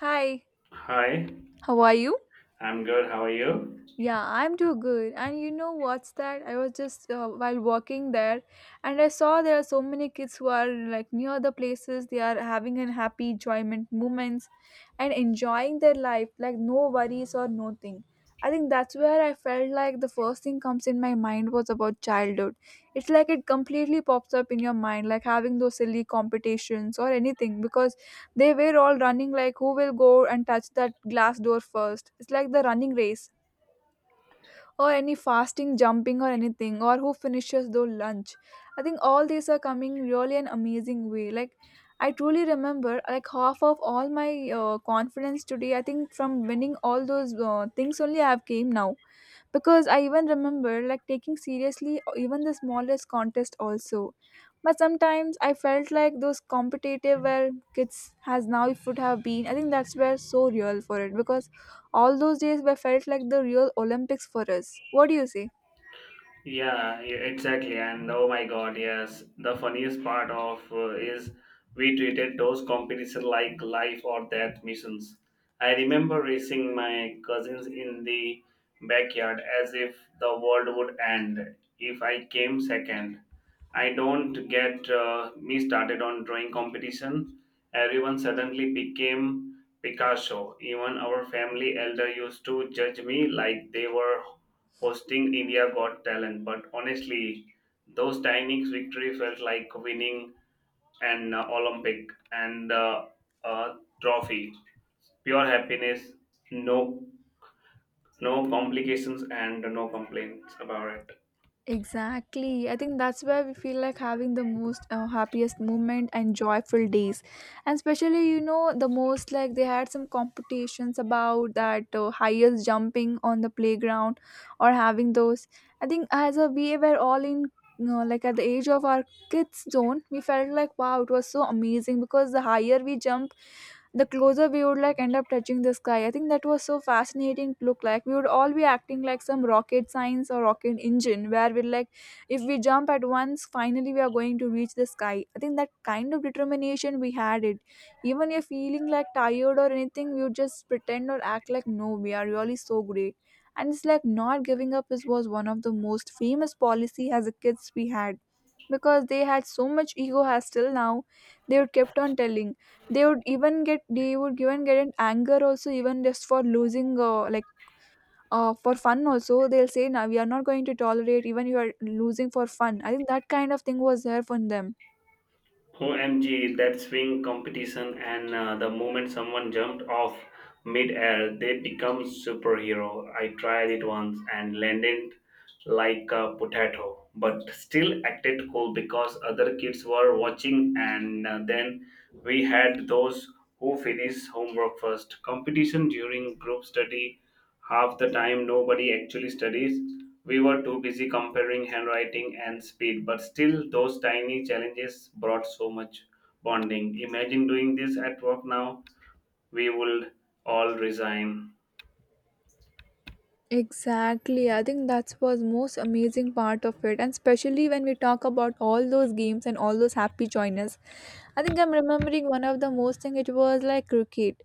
Hi, Hi, how are you? I'm good. How are you? Yeah, I'm too good. And you know what's that? I was just while walking there and I saw there are so many kids who are like near the places they are having an happy enjoyment moments and enjoying their life like no worries or nothing. I think that's where I felt like the first thing comes in my mind was about childhood. It's like it completely pops up in your mind like having those silly competitions or anything because they were all running like who will go and touch that glass door first. It's like the running race or any fasting, jumping, or anything, or who finishes their lunch. I think all these are coming really an amazing way. Like I truly remember like half of all my confidence today. I think from winning all those things only I have came now, because I even remember like taking seriously even the smallest contest also. But sometimes I felt like those competitive where kids has now, it would have been, I think that's where so real for it, because all those days were felt like the real olympics for us. What do you say? Yeah, yeah, exactly. And oh my God, yes. The funniest part of is we treated those competitions like life or death missions. I remember racing my cousins in the backyard as if the world would end if I came second. I don't get me started on drawing competition. Everyone suddenly became Picasso. Even our family elder used to judge me like they were hosting India Got Talent, but honestly, those timings victory felt like winning an Olympic and a trophy. Pure happiness, no no complications and no complaints about it. Exactly. I think that's where we feel like having the most happiest moment and joyful days. And especially, the most like they had some competitions about that highest jumping on the playground or having those. I think as a we were all in, like at the age of our kids zone, we felt like wow, it was so amazing, because the higher we jump, the closer we would like end up touching the sky. I think that was so fascinating to look like. We would all be acting like some rocket science or rocket engine where we're like, if we jump at once, finally we are going to reach the sky. I think that kind of determination we had it. Even if feeling like tired or anything, we would just pretend or act like, no, we are really so great. And it's like not giving up is was one of the most famous policy as a kids we had, because they had so much ego. As till now they would kept on telling, they would even get an anger also even just for losing, like, for fun also they'll say, now we are not going to tolerate even you are losing for fun. I think that kind of thing was there from them. OMG, that swing competition and the moment someone jumped off mid-air, they become superhero. I tried it once and landed like a potato, but still acted cool because other kids were watching. And then we had those who finish homework first. Competition during group study. Half the time, nobody actually studies. We were too busy comparing handwriting and speed, but still, those tiny challenges brought so much bonding. Imagine doing this at work now, we would all resign. Exactly. I think that was most amazing part of it. And especially when we talk about all those games and all those happy joiners, I think I'm remembering one of the most thing, it was like cricket.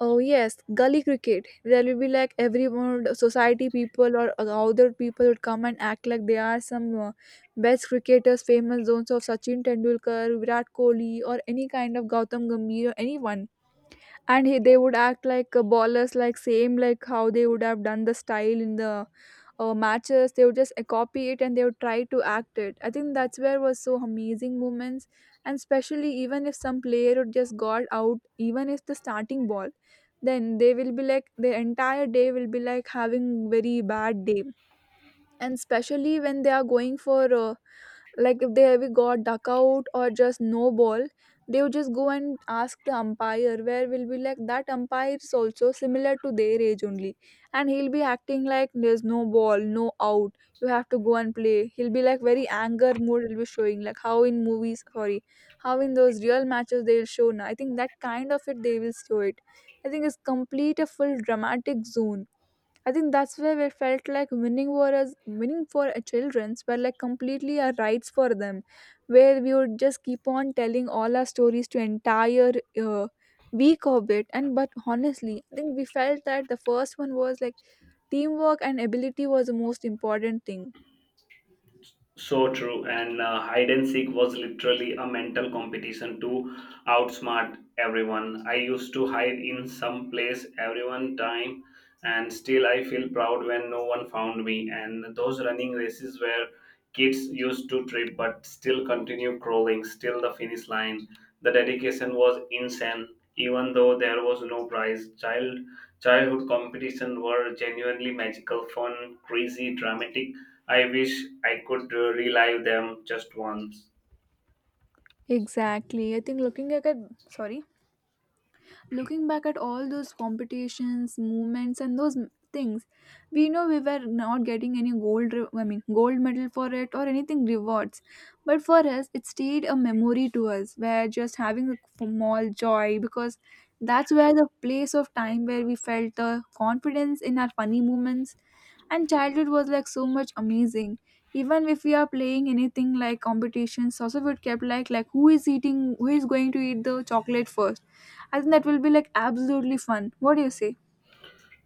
Oh yes, gully cricket. There will be like everyone, society people or other people would come and act like they are some best cricketers, famous zones of Sachin Tendulkar, Virat Kohli, or any kind of Gautam Gambhir, or anyone. And he, they would act like ballers, like same like how they would have done the style in the matches. They would just copy it, and they would try to act it. I think that's where was so amazing moments. And especially even if some player would just got out, even if the starting ball, then they will be like the entire day will be like having very bad day. And especially when they are going for, like if they ever got duck out or just no ball, they would just go and ask the umpire, where will be like that umpire is also similar to their age only, and he'll be acting like there's no ball, no out, you have to go and play. He'll be like very anger mood, he'll be showing like how in movies, sorry, how in those real matches they'll show now. I think that kind of it they will show it. I think it's complete a full dramatic zone. I think that's where we felt like winning for us, winning for our childrens were like completely our rights for them, where we would just keep on telling all our stories to entire uh, week of it. And but honestly, I think we felt that the first one was like teamwork, and ability was the most important thing. So true, and hide and seek was literally a mental competition to outsmart everyone. I used to hide in some place every one time, and still I feel proud when no one found me. And those running races where kids used to trip but still continue crawling, still the finish line. The dedication was insane, even though there was no prize. Childhood competition were genuinely magical, fun, crazy, dramatic. I wish I could relive them just once. Exactly. I think sorry looking back at all those competitions movements and those things, we know we were not getting any gold re- I mean gold medal for it or anything rewards, but for us it stayed a memory to us, where just having a small joy, because that's where the place of time where we felt the confidence in our funny moments, and childhood was like so much amazing. Even if we are playing anything like competitions also, it kept like who is going to eat the chocolate first. I think that will be like absolutely fun. What do you say?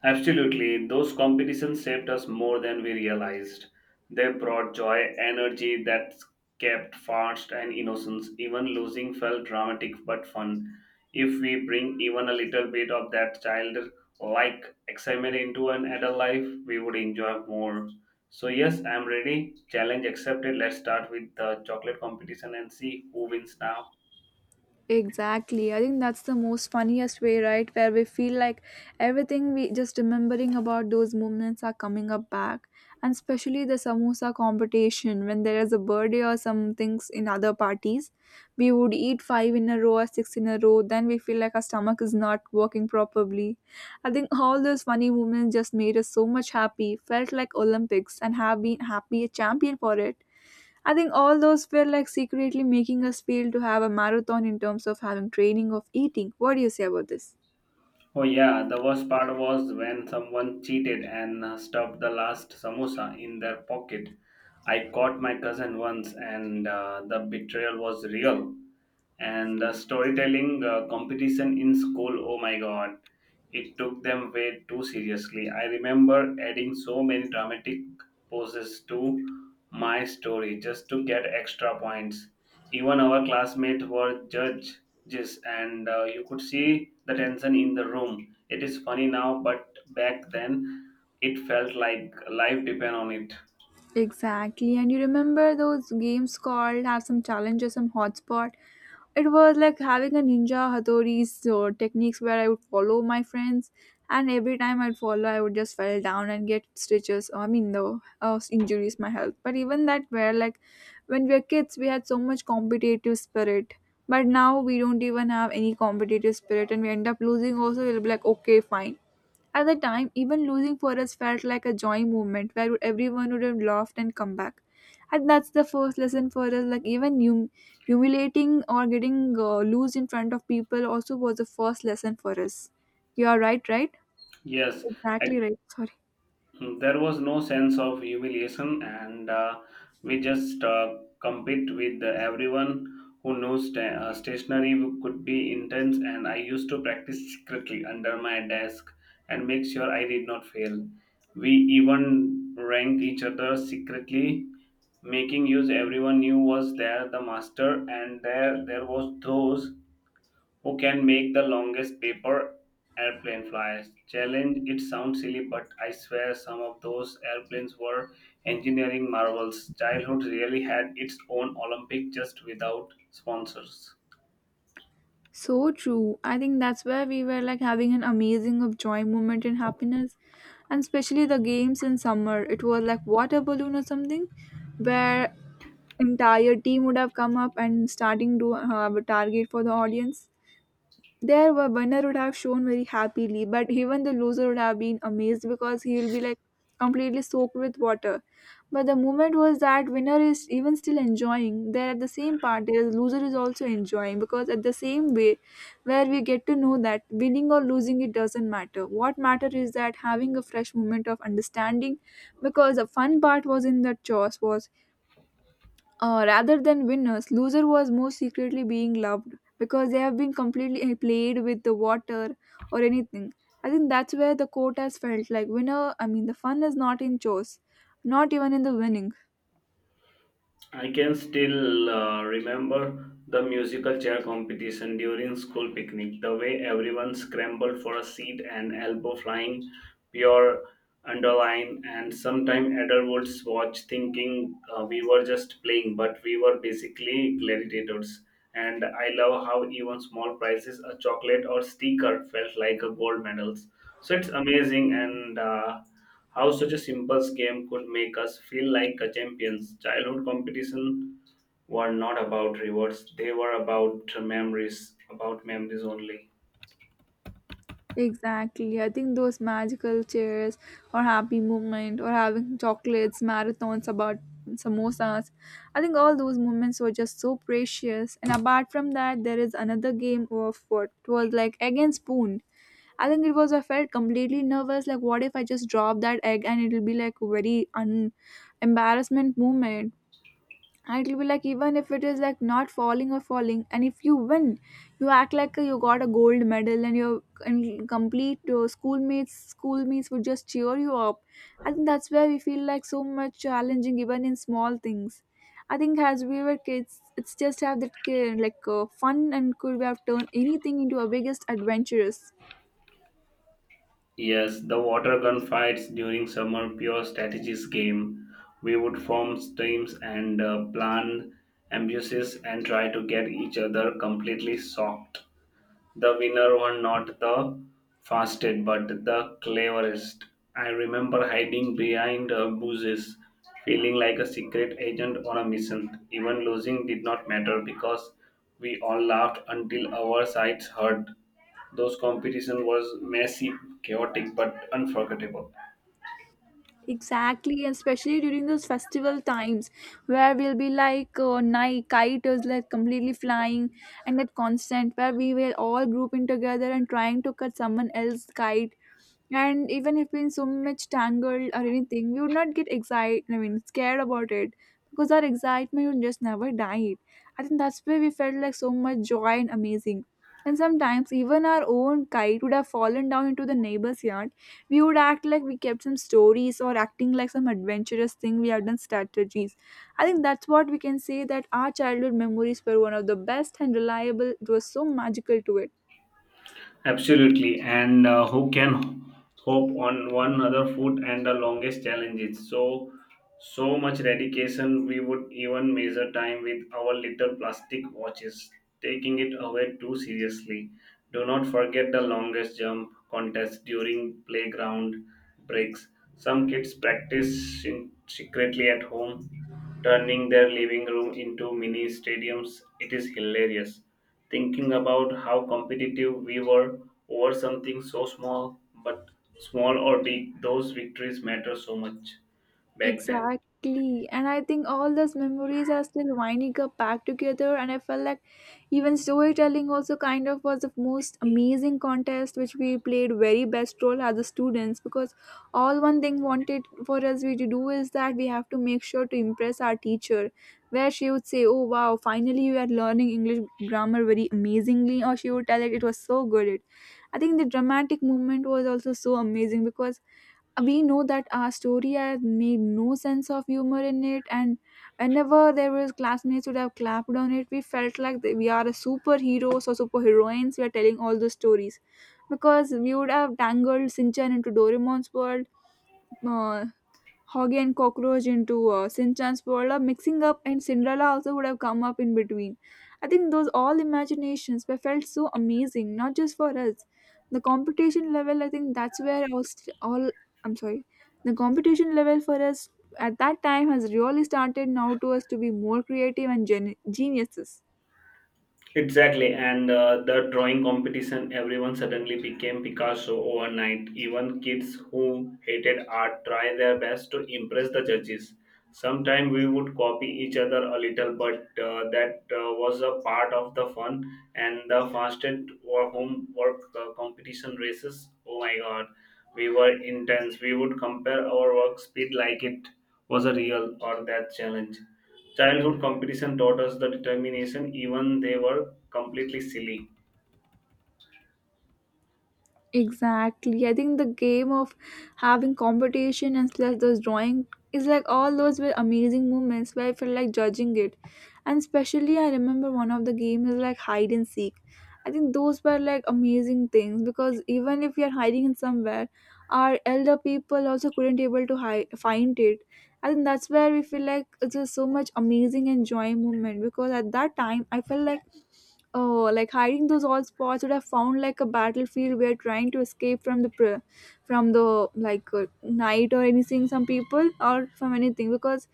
Absolutely, those competitions saved us more than we realized. They brought joy, energy that kept fast and innocence. Even losing felt dramatic but fun. If we bring even a little bit of that childlike excitement into an adult life, we would enjoy more. So yes, I'm ready. Challenge accepted. Let's start with the chocolate competition and see who wins now. Exactly. I think that's the most funniest way, right? Where we feel like everything we just remembering about those moments are coming up back. And especially the samosa competition when there is a birthday or some things in other parties, we would eat five in a row or six in a row, then we feel like our stomach is not working properly. I think all those funny moments just made us so much happy, felt like Olympics, and have been happy a champion for it. I think all those were like secretly making us feel to have a marathon in terms of having training of eating. What do you say about this? Oh yeah, the worst part was when someone cheated and stuffed the last samosa in their pocket. I caught my cousin once, and the betrayal was real. And the storytelling competition in school, oh my God, it took them way too seriously. I remember adding so many dramatic poses to my story just to get extra points. Even our classmates were judges, and you could see the tension in the room. It is funny now, but back then it felt like life depend on it. Exactly. And you remember those games called have some challenges, some hotspot. It was like having a ninja hatori's techniques, where I would follow my friends, and every time I'd follow, I would just fall down and get stitches. I mean, the injuries, my health. But even that, where like when we were kids, we had so much competitive spirit. But now we don't even have any competitive spirit, and we end up losing. Also, we'll be like, okay, fine, at the time, even losing for us felt like a joy moment, where everyone would have laughed and come back. And that's the first lesson for us. Like even humiliating or getting, loose in front of people also was the first lesson for us. You are right, right? Yes, Exactly right. Sorry. there was no sense of humiliation, and we just compete with everyone who knows stationery could be intense, and I used to practice secretly under my desk and make sure I did not fail. We even ranked each other secretly, making use everyone knew was there the master. And there was those who can make the longest paper airplane fly? Challenge, it sounds silly, but I swear some of those airplanes were engineering marvels. Childhood really had its own Olympic just without sponsors. So true. I think that's where we were like having an amazing of joy moment and happiness. And especially the games in summer, it was like water balloon or something, where entire team would have come up and starting to have a target for the audience. There, the winner would have shown very happily, but even the loser would have been amazed, because he will be like completely soaked with water. But the moment was that winner is even still enjoying. There at the same part, the loser is also enjoying, because at the same way, where we get to know that winning or losing, it doesn't matter. What matter is that having a fresh moment of understanding, because the fun part was in that chores, was, rather than winners, loser was more secretly being loved, because they have been completely played with the water or anything. I think that's where the court has felt like winner. I mean, the fun is not in chores, not even in the winning. I can still remember the musical chair competition during school picnic, the way everyone scrambled for a seat and elbow flying, pure underline, and sometimes adults watch thinking we were just playing, but we were basically gladiators. And I love how even small prizes, a chocolate or sticker, felt like a gold medals. So it's amazing and. How such a simple game could make us feel like a champions. Childhood competition were not about rewards; they were about memories only. Exactly. I think those magical chairs, or happy moment, or having chocolates, marathons about samosas, I think all those moments were just so precious. And apart from that, there is another game of what it was like against spoon. I think it was, I felt completely nervous. Like, what if I just drop that egg, and it'll be like very un embarrassment moment. And it'll be like even if it is like not falling or falling, and if you win, you act like you got a gold medal, and complete your schoolmates would just cheer you up. I think that's where we feel like so much challenging even in small things. I think as we were kids, it's just have that like fun, and could we have turned anything into a biggest adventurous. Yes, the water gun fights during summer pure strategies game. We would form teams and plan ambushes and try to get each other completely soaked. The winner won not the fastest but the cleverest. I remember hiding behind bushes, feeling like a secret agent on a mission. Even losing did not matter because we all laughed until our sides hurt. Those competition was messy, chaotic, but unforgettable. Exactly, and especially during those festival times, where we'll be like night kite is like completely flying, and that constant where we will all group in together and trying to cut someone else's kite. And even if we in so much tangled or anything, we would not get excited, I mean, scared about it, because our excitement would just never die. I think that's where we felt like so much joy and amazing. And sometimes, even our own kite would have fallen down into the neighbor's yard. We would act like we kept some stories or acting like some adventurous thing we have done strategies. I think that's what we can say that our childhood memories were one of the best and reliable. It was so magical to it. Absolutely, and who can hope on one other foot and the longest challenges? So much dedication. We would even measure time with our little plastic watches, taking it away too seriously. Do not forget the longest jump contest during playground breaks. Some kids practice in- secretly at home, turning their living room into mini stadiums. It is hilarious thinking about how competitive we were over something so small, but small or big, those victories matter so much back then. Exactly. And I think all those memories are still winding up back together. And I felt like even storytelling also kind of was the most amazing contest which we played very best role as the students because all one thing wanted for us we to do is that we have to make sure to impress our teacher where she would say, "Oh wow, finally you are learning English grammar very amazingly," or she would tell it was so good. It I think the dramatic moment was also so amazing because we know that our story had made no sense of humor in it, and whenever there was classmates would have clapped on it we felt like that we are a superheroes or superheroines we are telling all those stories because we would have tangled Sinchan into Doraemon's world, uh, Hoggy and Cockroach into Sinchan's world are mixing up, and Cinderella also would have come up in between. I think those all imaginations were felt so amazing, not just for us. The competition level, I think that's where all, all I'm sorry, the competition level for us at that time has really started now to us to be more creative and geniuses. Exactly, and the drawing competition, everyone suddenly became Picasso overnight. Even kids who hated art try their best to impress the judges. Sometimes we would copy each other a little, but that was a part of the fun. And the fastest homework competition races, oh my God, we were intense. We would compare our work speed like it was a real or that challenge. Childhood competition taught us the determination, even they were completely silly. Exactly. I think the game of having competition and slash those drawing is like all those were amazing moments where I felt like judging it. And especially I remember one of the games is like hide and seek. I think those were like amazing things because even if we are hiding in somewhere, our elder people also couldn't able to hide, find it. I think that's where we feel like it's just so much amazing and joy moment because at that time I felt like, oh, like hiding those old spots would have found like a battlefield where trying to escape from the from the like night or anything. Some people or from anything because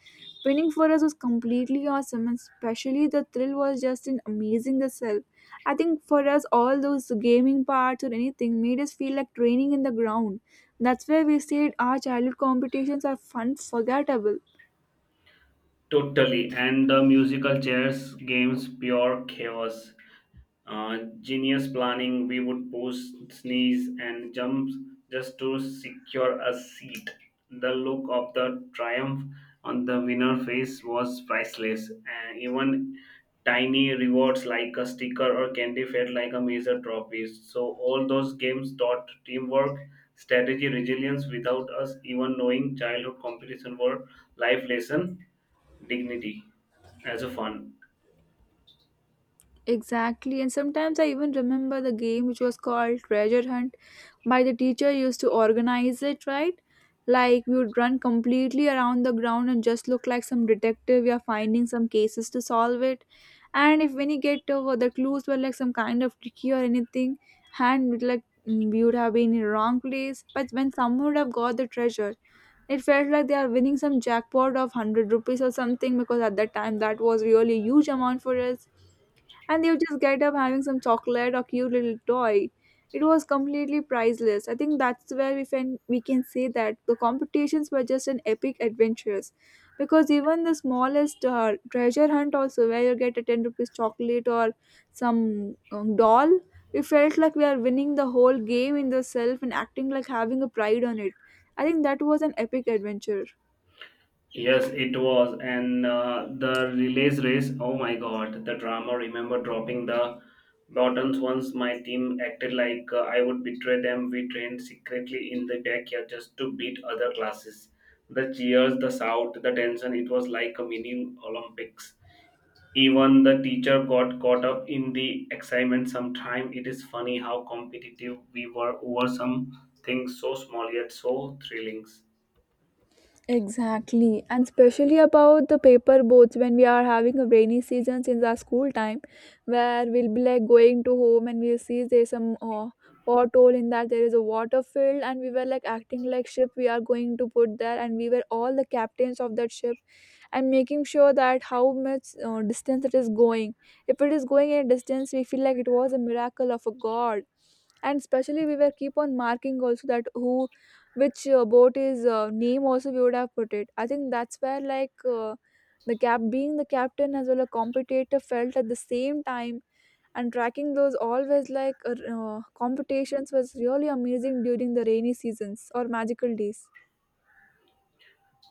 winning for us was completely awesome, and especially the thrill was just in amazing the self. I think for us, all those gaming parts or anything made us feel like training in the ground. That's why we said our childhood competitions are fun, forgettable. Totally. And the musical chairs games, pure chaos. Genius planning, we would pose, sneeze, and jump just to secure a seat. The look of the triumph on the winner's face was priceless, and even tiny rewards like a sticker or candy felt like a major trophy. So, all those games taught teamwork, strategy, resilience without us even knowing childhood competition were life lesson, dignity as a fun. Exactly, and sometimes I even remember the game which was called Treasure Hunt by the teacher used to organize it, right? Like we would run completely around the ground and just look like some detective. We are finding some cases to solve it, and if when you get over the clues were like some kind of tricky or anything, and we'd like we would have been in the wrong place. But when someone would have got the treasure, it felt like they are winning some jackpot of 100 rupees or something because at that time that was really huge amount for us, and they would just get up having some chocolate or cute little toy. It was completely priceless. I think that's where we can say that the competitions were just an epic adventures, because even the smallest treasure hunt also where you get a 10 rupees chocolate or some doll, we felt like we are winning the whole game in the self and acting like having a pride on it. I think that was an epic adventure. Yes, it was. And the relays race, oh my God, the drama. Remember dropping the buttons once my team acted like I would betray them. We trained secretly in the backyard just to beat other classes. The cheers, the shout, the tension, it was like a mini Olympics. Even the teacher got caught up in the excitement sometime. It is funny how competitive we were over some things so small yet so thrilling. Exactly, and especially about the paper boats when we are having a rainy season since our school time, where we'll be like going to home and we'll see there's some pothole in that there is a water field, and we were like acting like ship we are going to put there, and we were all the captains of that ship, and making sure that how much distance it is going. If it is going in a distance we feel like it was a miracle of a god, and especially we were keep on marking also that who which boat is name also we would have put it. I think that's where like the cap being the captain as well a competitor felt at the same time, and tracking those always like competitions was really amazing during the rainy seasons or magical days.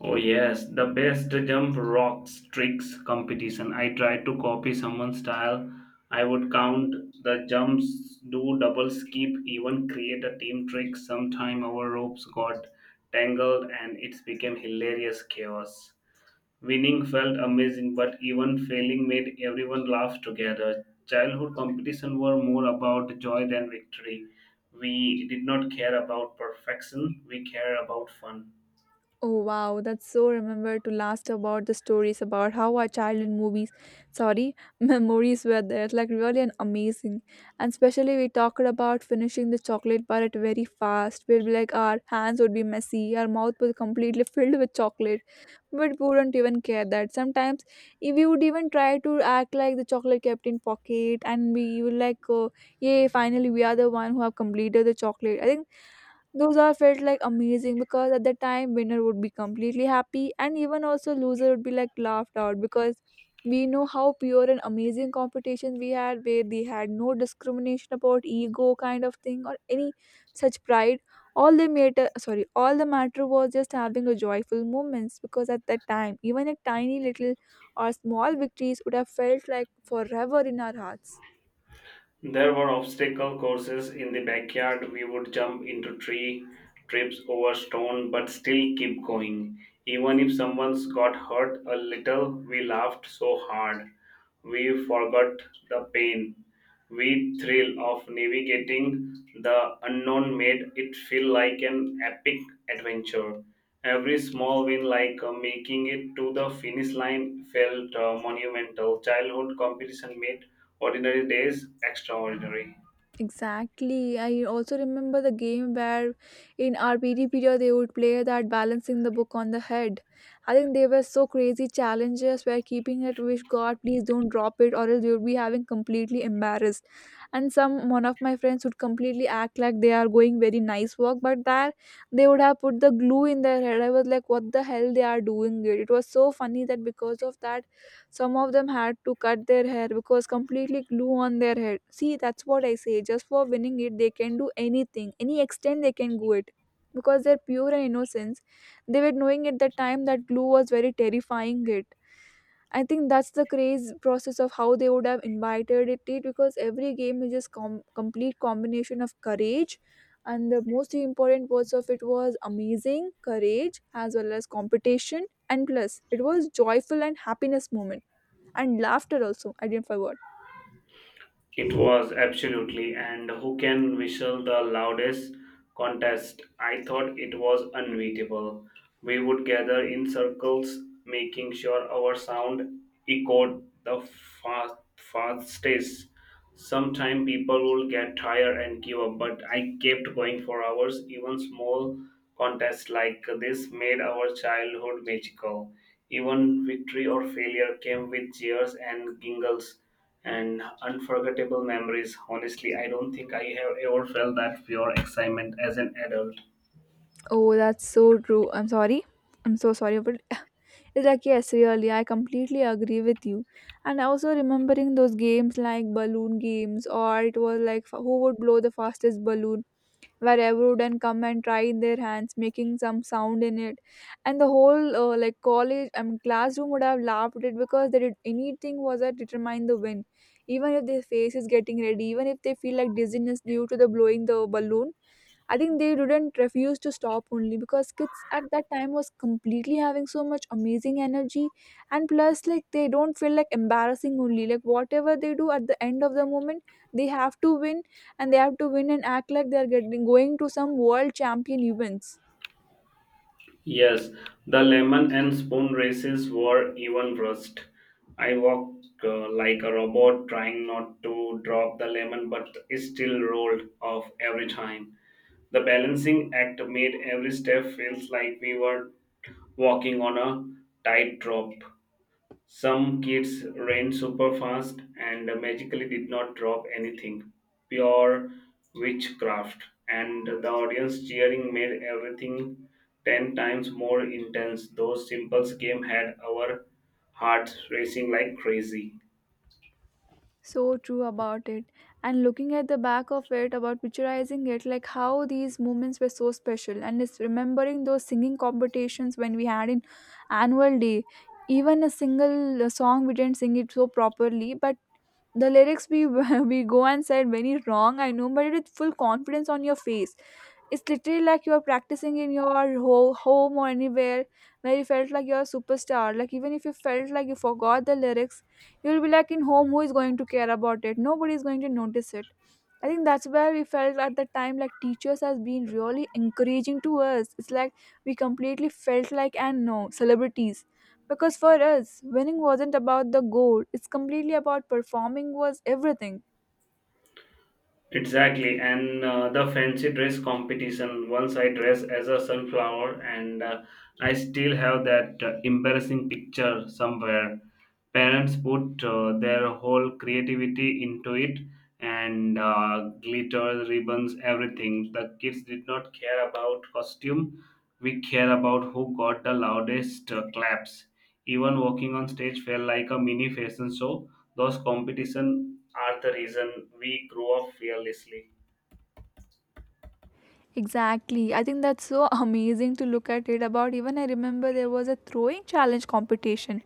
Oh yes, the best jump rocks tricks competition. I tried to copy someone's style. I would count the jumps, do double skip, even create a team trick. Sometime our ropes got tangled and it became hilarious chaos. Winning felt amazing, but even failing made everyone laugh together. Childhood competition were more about joy than victory. We did not care about perfection, we care about fun. Oh wow, that's so remember to last about the stories about how our childhood movies, sorry, memories were there. It's like really an amazing. And especially we talked about finishing the chocolate bar at very fast. We'll be like our hands would be messy, our mouth was completely filled with chocolate, but we wouldn't even care that. Sometimes if we would even try to act like the chocolate kept in pocket, and we would like, oh, yay, finally we are the one who have completed the chocolate. I think those all felt like amazing because at the time winner would be completely happy and even also loser would be like laughed out because we know how pure and amazing competition we had where they had no discrimination about ego kind of thing or any such pride. All they matter sorry, all the matter was just having a joyful moments because at that time even a tiny little or small victories would have felt like forever in our hearts. There were obstacle courses in the backyard. We would jump into tree trips over stone, but still keep going. Even if someone's got hurt a little, we laughed so hard. We forgot the pain. We thrill of navigating the unknown made it feel like an epic adventure. Every small win, like making it to the finish line, felt monumental. Childhood competition made ordinary days extraordinary. Exactly. I also remember the game where in our PD period they would play that balancing the book on the head. I think they were so crazy challenges where keeping it wish God please don't drop it or else you would be having completely embarrassed. And some one of my friends would completely act like they are going very nice walk, but that they would have put the glue in their head. I was like, what the hell they are doing it? It was so funny that because of that some of them had to cut their hair because completely glue on their head. See, that's what I say. Just for winning it, they can do anything, any extent they can go it. Because they're pure and innocence, they were knowing at the time that glue was very terrifying. It. I think that's the craze process of how they would have invited it because every game is just complete combination of courage, and the most important words of it was amazing courage as well as competition and plus it was joyful and happiness moment and laughter also I didn't forget. It was absolutely, and who can whistle the loudest contest? I thought it was unbeatable. We would gather in circles, making sure our sound echoed the fastest. Sometime people would get tired and give up, but I kept going for hours. Even small contests like this made our childhood magical. Even victory or failure came with cheers and giggles and unforgettable memories. Honestly, I don't think I have ever felt that pure excitement as an adult. Oh, that's so true. I'm sorry. I'm so sorry, but it's like yes, really, I completely agree with you. And also remembering those games like balloon games, or it was like who would blow the fastest balloon, where everyone would come and try in their hands, making some sound in it, and the whole like college, I mean classroom would have laughed at it because they did anything was that determine the win, even if their face is getting ready, even if they feel like dizziness due to the blowing the balloon. I think they didn't refuse to stop only because kids at that time was completely having so much amazing energy, and plus like they don't feel like embarrassing only. Like whatever they do at the end of the moment they have to win, and they have to win and act like they are getting going to some world champion events. Yes, the lemon and spoon races were even worse. I walked like a robot trying not to drop the lemon, but it still rolled off every time. The balancing act made every step feels like we were walking on a tightrope. Some kids ran super fast and magically did not drop anything. Pure witchcraft. And the audience cheering made everything 10 times more intense. Those simple games had our hearts racing like crazy. So true about it, and looking at the back of it about picturizing it like how these moments were so special, and it's remembering those singing competitions when we had in annual day. Even a single song we didn't sing it so properly, but the lyrics we we go and said very wrong, I know, but it with full confidence on your face it's literally like you're practicing in your home or anywhere where you felt like you're a superstar. Like even if you felt like you forgot the lyrics, you'll be like in home, who is going to care about it? Nobody is going to notice it. I think that's where we felt at the time like teachers has been really encouraging to us. It's like we completely felt like and no celebrities. Because for us, winning wasn't about the goal. It's completely about performing was everything. Exactly, and the fancy dress competition. Once I dressed as a sunflower, and I still have that embarrassing picture somewhere. Parents put their whole creativity into it, and glitter, ribbons, everything. The kids did not care about costume. We care about who got the loudest claps. Even walking on stage felt like a mini fashion show. Those competition are the reason we grow up fearlessly. Exactly. I think that's so amazing to look at it about. Even I remember there was a throwing challenge competition.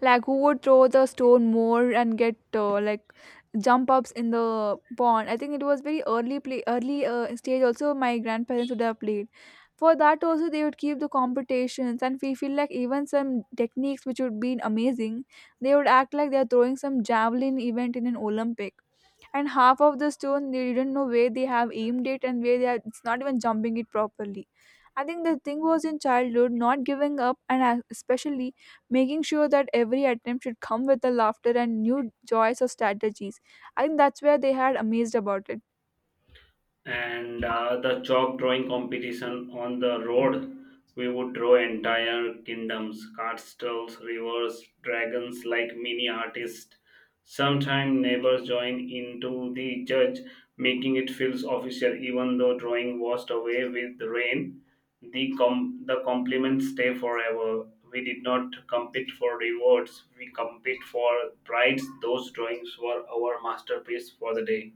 Like who would throw the stone more and get like jump ups in the pond. I think it was very early play early stage also my grandparents would have played. For that also they would keep the competitions, and we feel like even some techniques which would be amazing, they would act like they're throwing some javelin event in an Olympic, and half of the stone they didn't know where they have aimed it and where they are, it's not even jumping it properly. I think the thing was in childhood not giving up, and especially making sure that every attempt should come with a laughter and new joys or strategies. I think that's where they had amazed about it. And the chalk drawing competition on the road, we would draw entire kingdoms, castles, rivers, dragons, like mini artists. Sometimes neighbors join into the judge, making it feels official. Even though drawing washed away with rain, the the compliments stay forever. We did not compete for rewards, we compete for prides. Those drawings were our masterpiece for the day.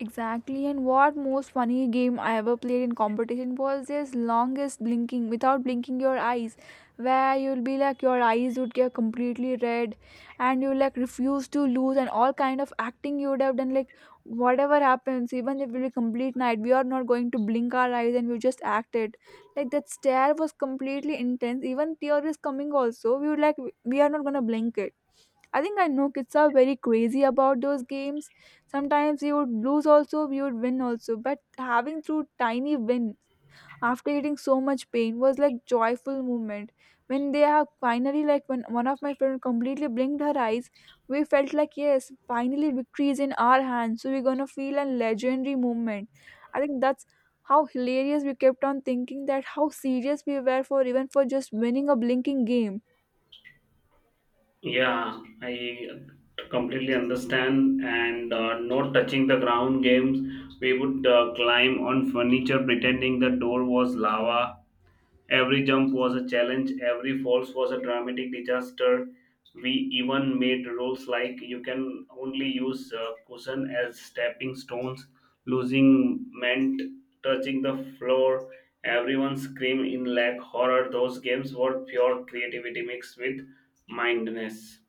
Exactly, and what most funny game I ever played in competition was this longest blinking without blinking your eyes, where you'll be like your eyes would get completely red, and you like refuse to lose, and all kind of acting you would have done, like whatever happens, even if it will be complete night, we are not going to blink our eyes, and we just acted like that stare was completely intense. Even tear is coming also. We would like we are not gonna blink it. I think I know kids are very crazy about those games. Sometimes you would lose also, you would win also. But having through tiny win after getting so much pain was like joyful moment. When they have finally, like when one of my friend completely blinked her eyes, we felt like yes, finally victory is in our hands. So we're gonna feel a legendary moment. I think that's how hilarious we kept on thinking that how serious we were for even for just winning a blinking game. Yeah, I completely understand. And not touching the ground games, we would climb on furniture pretending the door was lava. Every jump was a challenge, every falls was a dramatic disaster. We even made rules like you can only use cushion as stepping stones, losing meant touching the floor. Everyone screamed in lack horror. Those games were pure creativity mixed with mindness.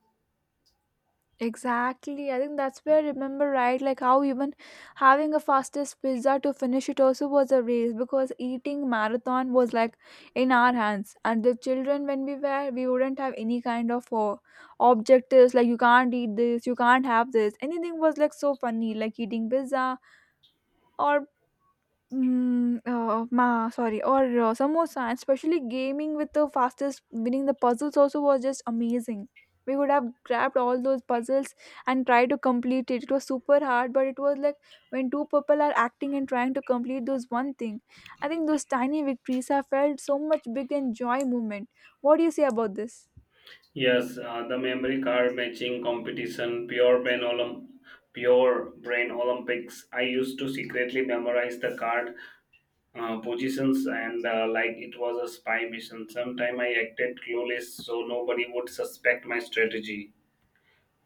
Exactly. I think that's where I remember, right, like how even having a fastest pizza to finish it also was a race because eating marathon was like in our hands. And the children when we wouldn't have any kind of objectives, like you can't eat this, you can't have this. Anything was like so funny, like eating pizza or sorry, or samosa, and especially gaming with the fastest winning the puzzles also was just amazing. We would have grabbed all those puzzles and tried to complete it. It was super hard, but it was like when two people are acting and trying to complete those one thing. I think those tiny victories have felt so much big and joy moment. What do you say about this? Yes, the memory card matching competition, pure brain Olympics. I used to secretly memorize the card positions, and like it was a spy mission. Sometime I acted clueless so nobody would suspect my strategy,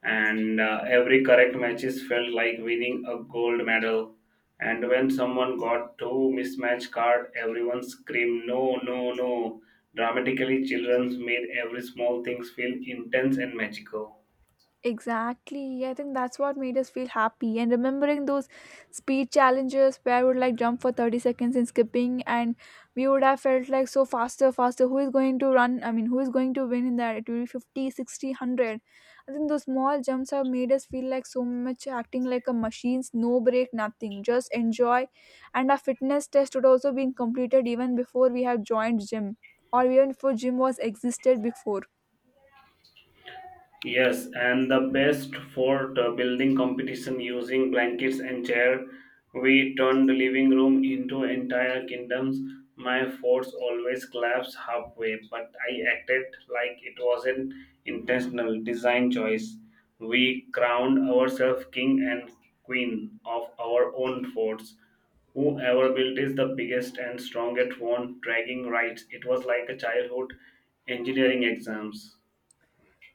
and every correct matches felt like winning a gold medal. And when someone got two mismatched card, everyone screamed no, no, no. Dramatically, children made every small things feel intense and magical. Exactly. I think that's what made us feel happy. And remembering those speed challenges where we would like jump for 30 seconds in skipping, and we would have felt like so faster, faster. Who is going to run? I mean, who is going to win in that? It will be 50, 60, 100. I think those small jumps have made us feel like so much acting like a machines, no break, nothing. Just enjoy. And our fitness test would also been completed even before we have joined gym, or even before gym was existed before. Yes, and the best for the building competition using blankets and chair. We turned the living room into entire kingdoms. My force always collapsed halfway, but I acted like it was an intentional design choice. We crowned ourselves king and queen of our own forts. Whoever built is the biggest and strongest one, dragging rights. It was like a childhood engineering exams.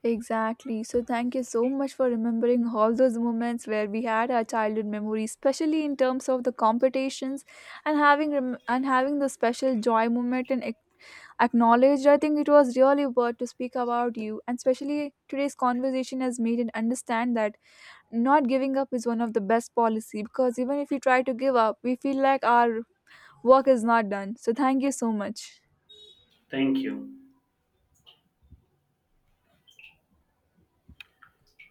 Exactly. So, thank you so much for remembering all those moments where we had our childhood memories, especially in terms of the competitions and and having the special joy moment and acknowledged. I think it was really worth to speak about you, and especially today's conversation has made it understand that not giving up is one of the best policy because even if you try to give up, we feel like our work is not done. So, thank you so much. Thank you.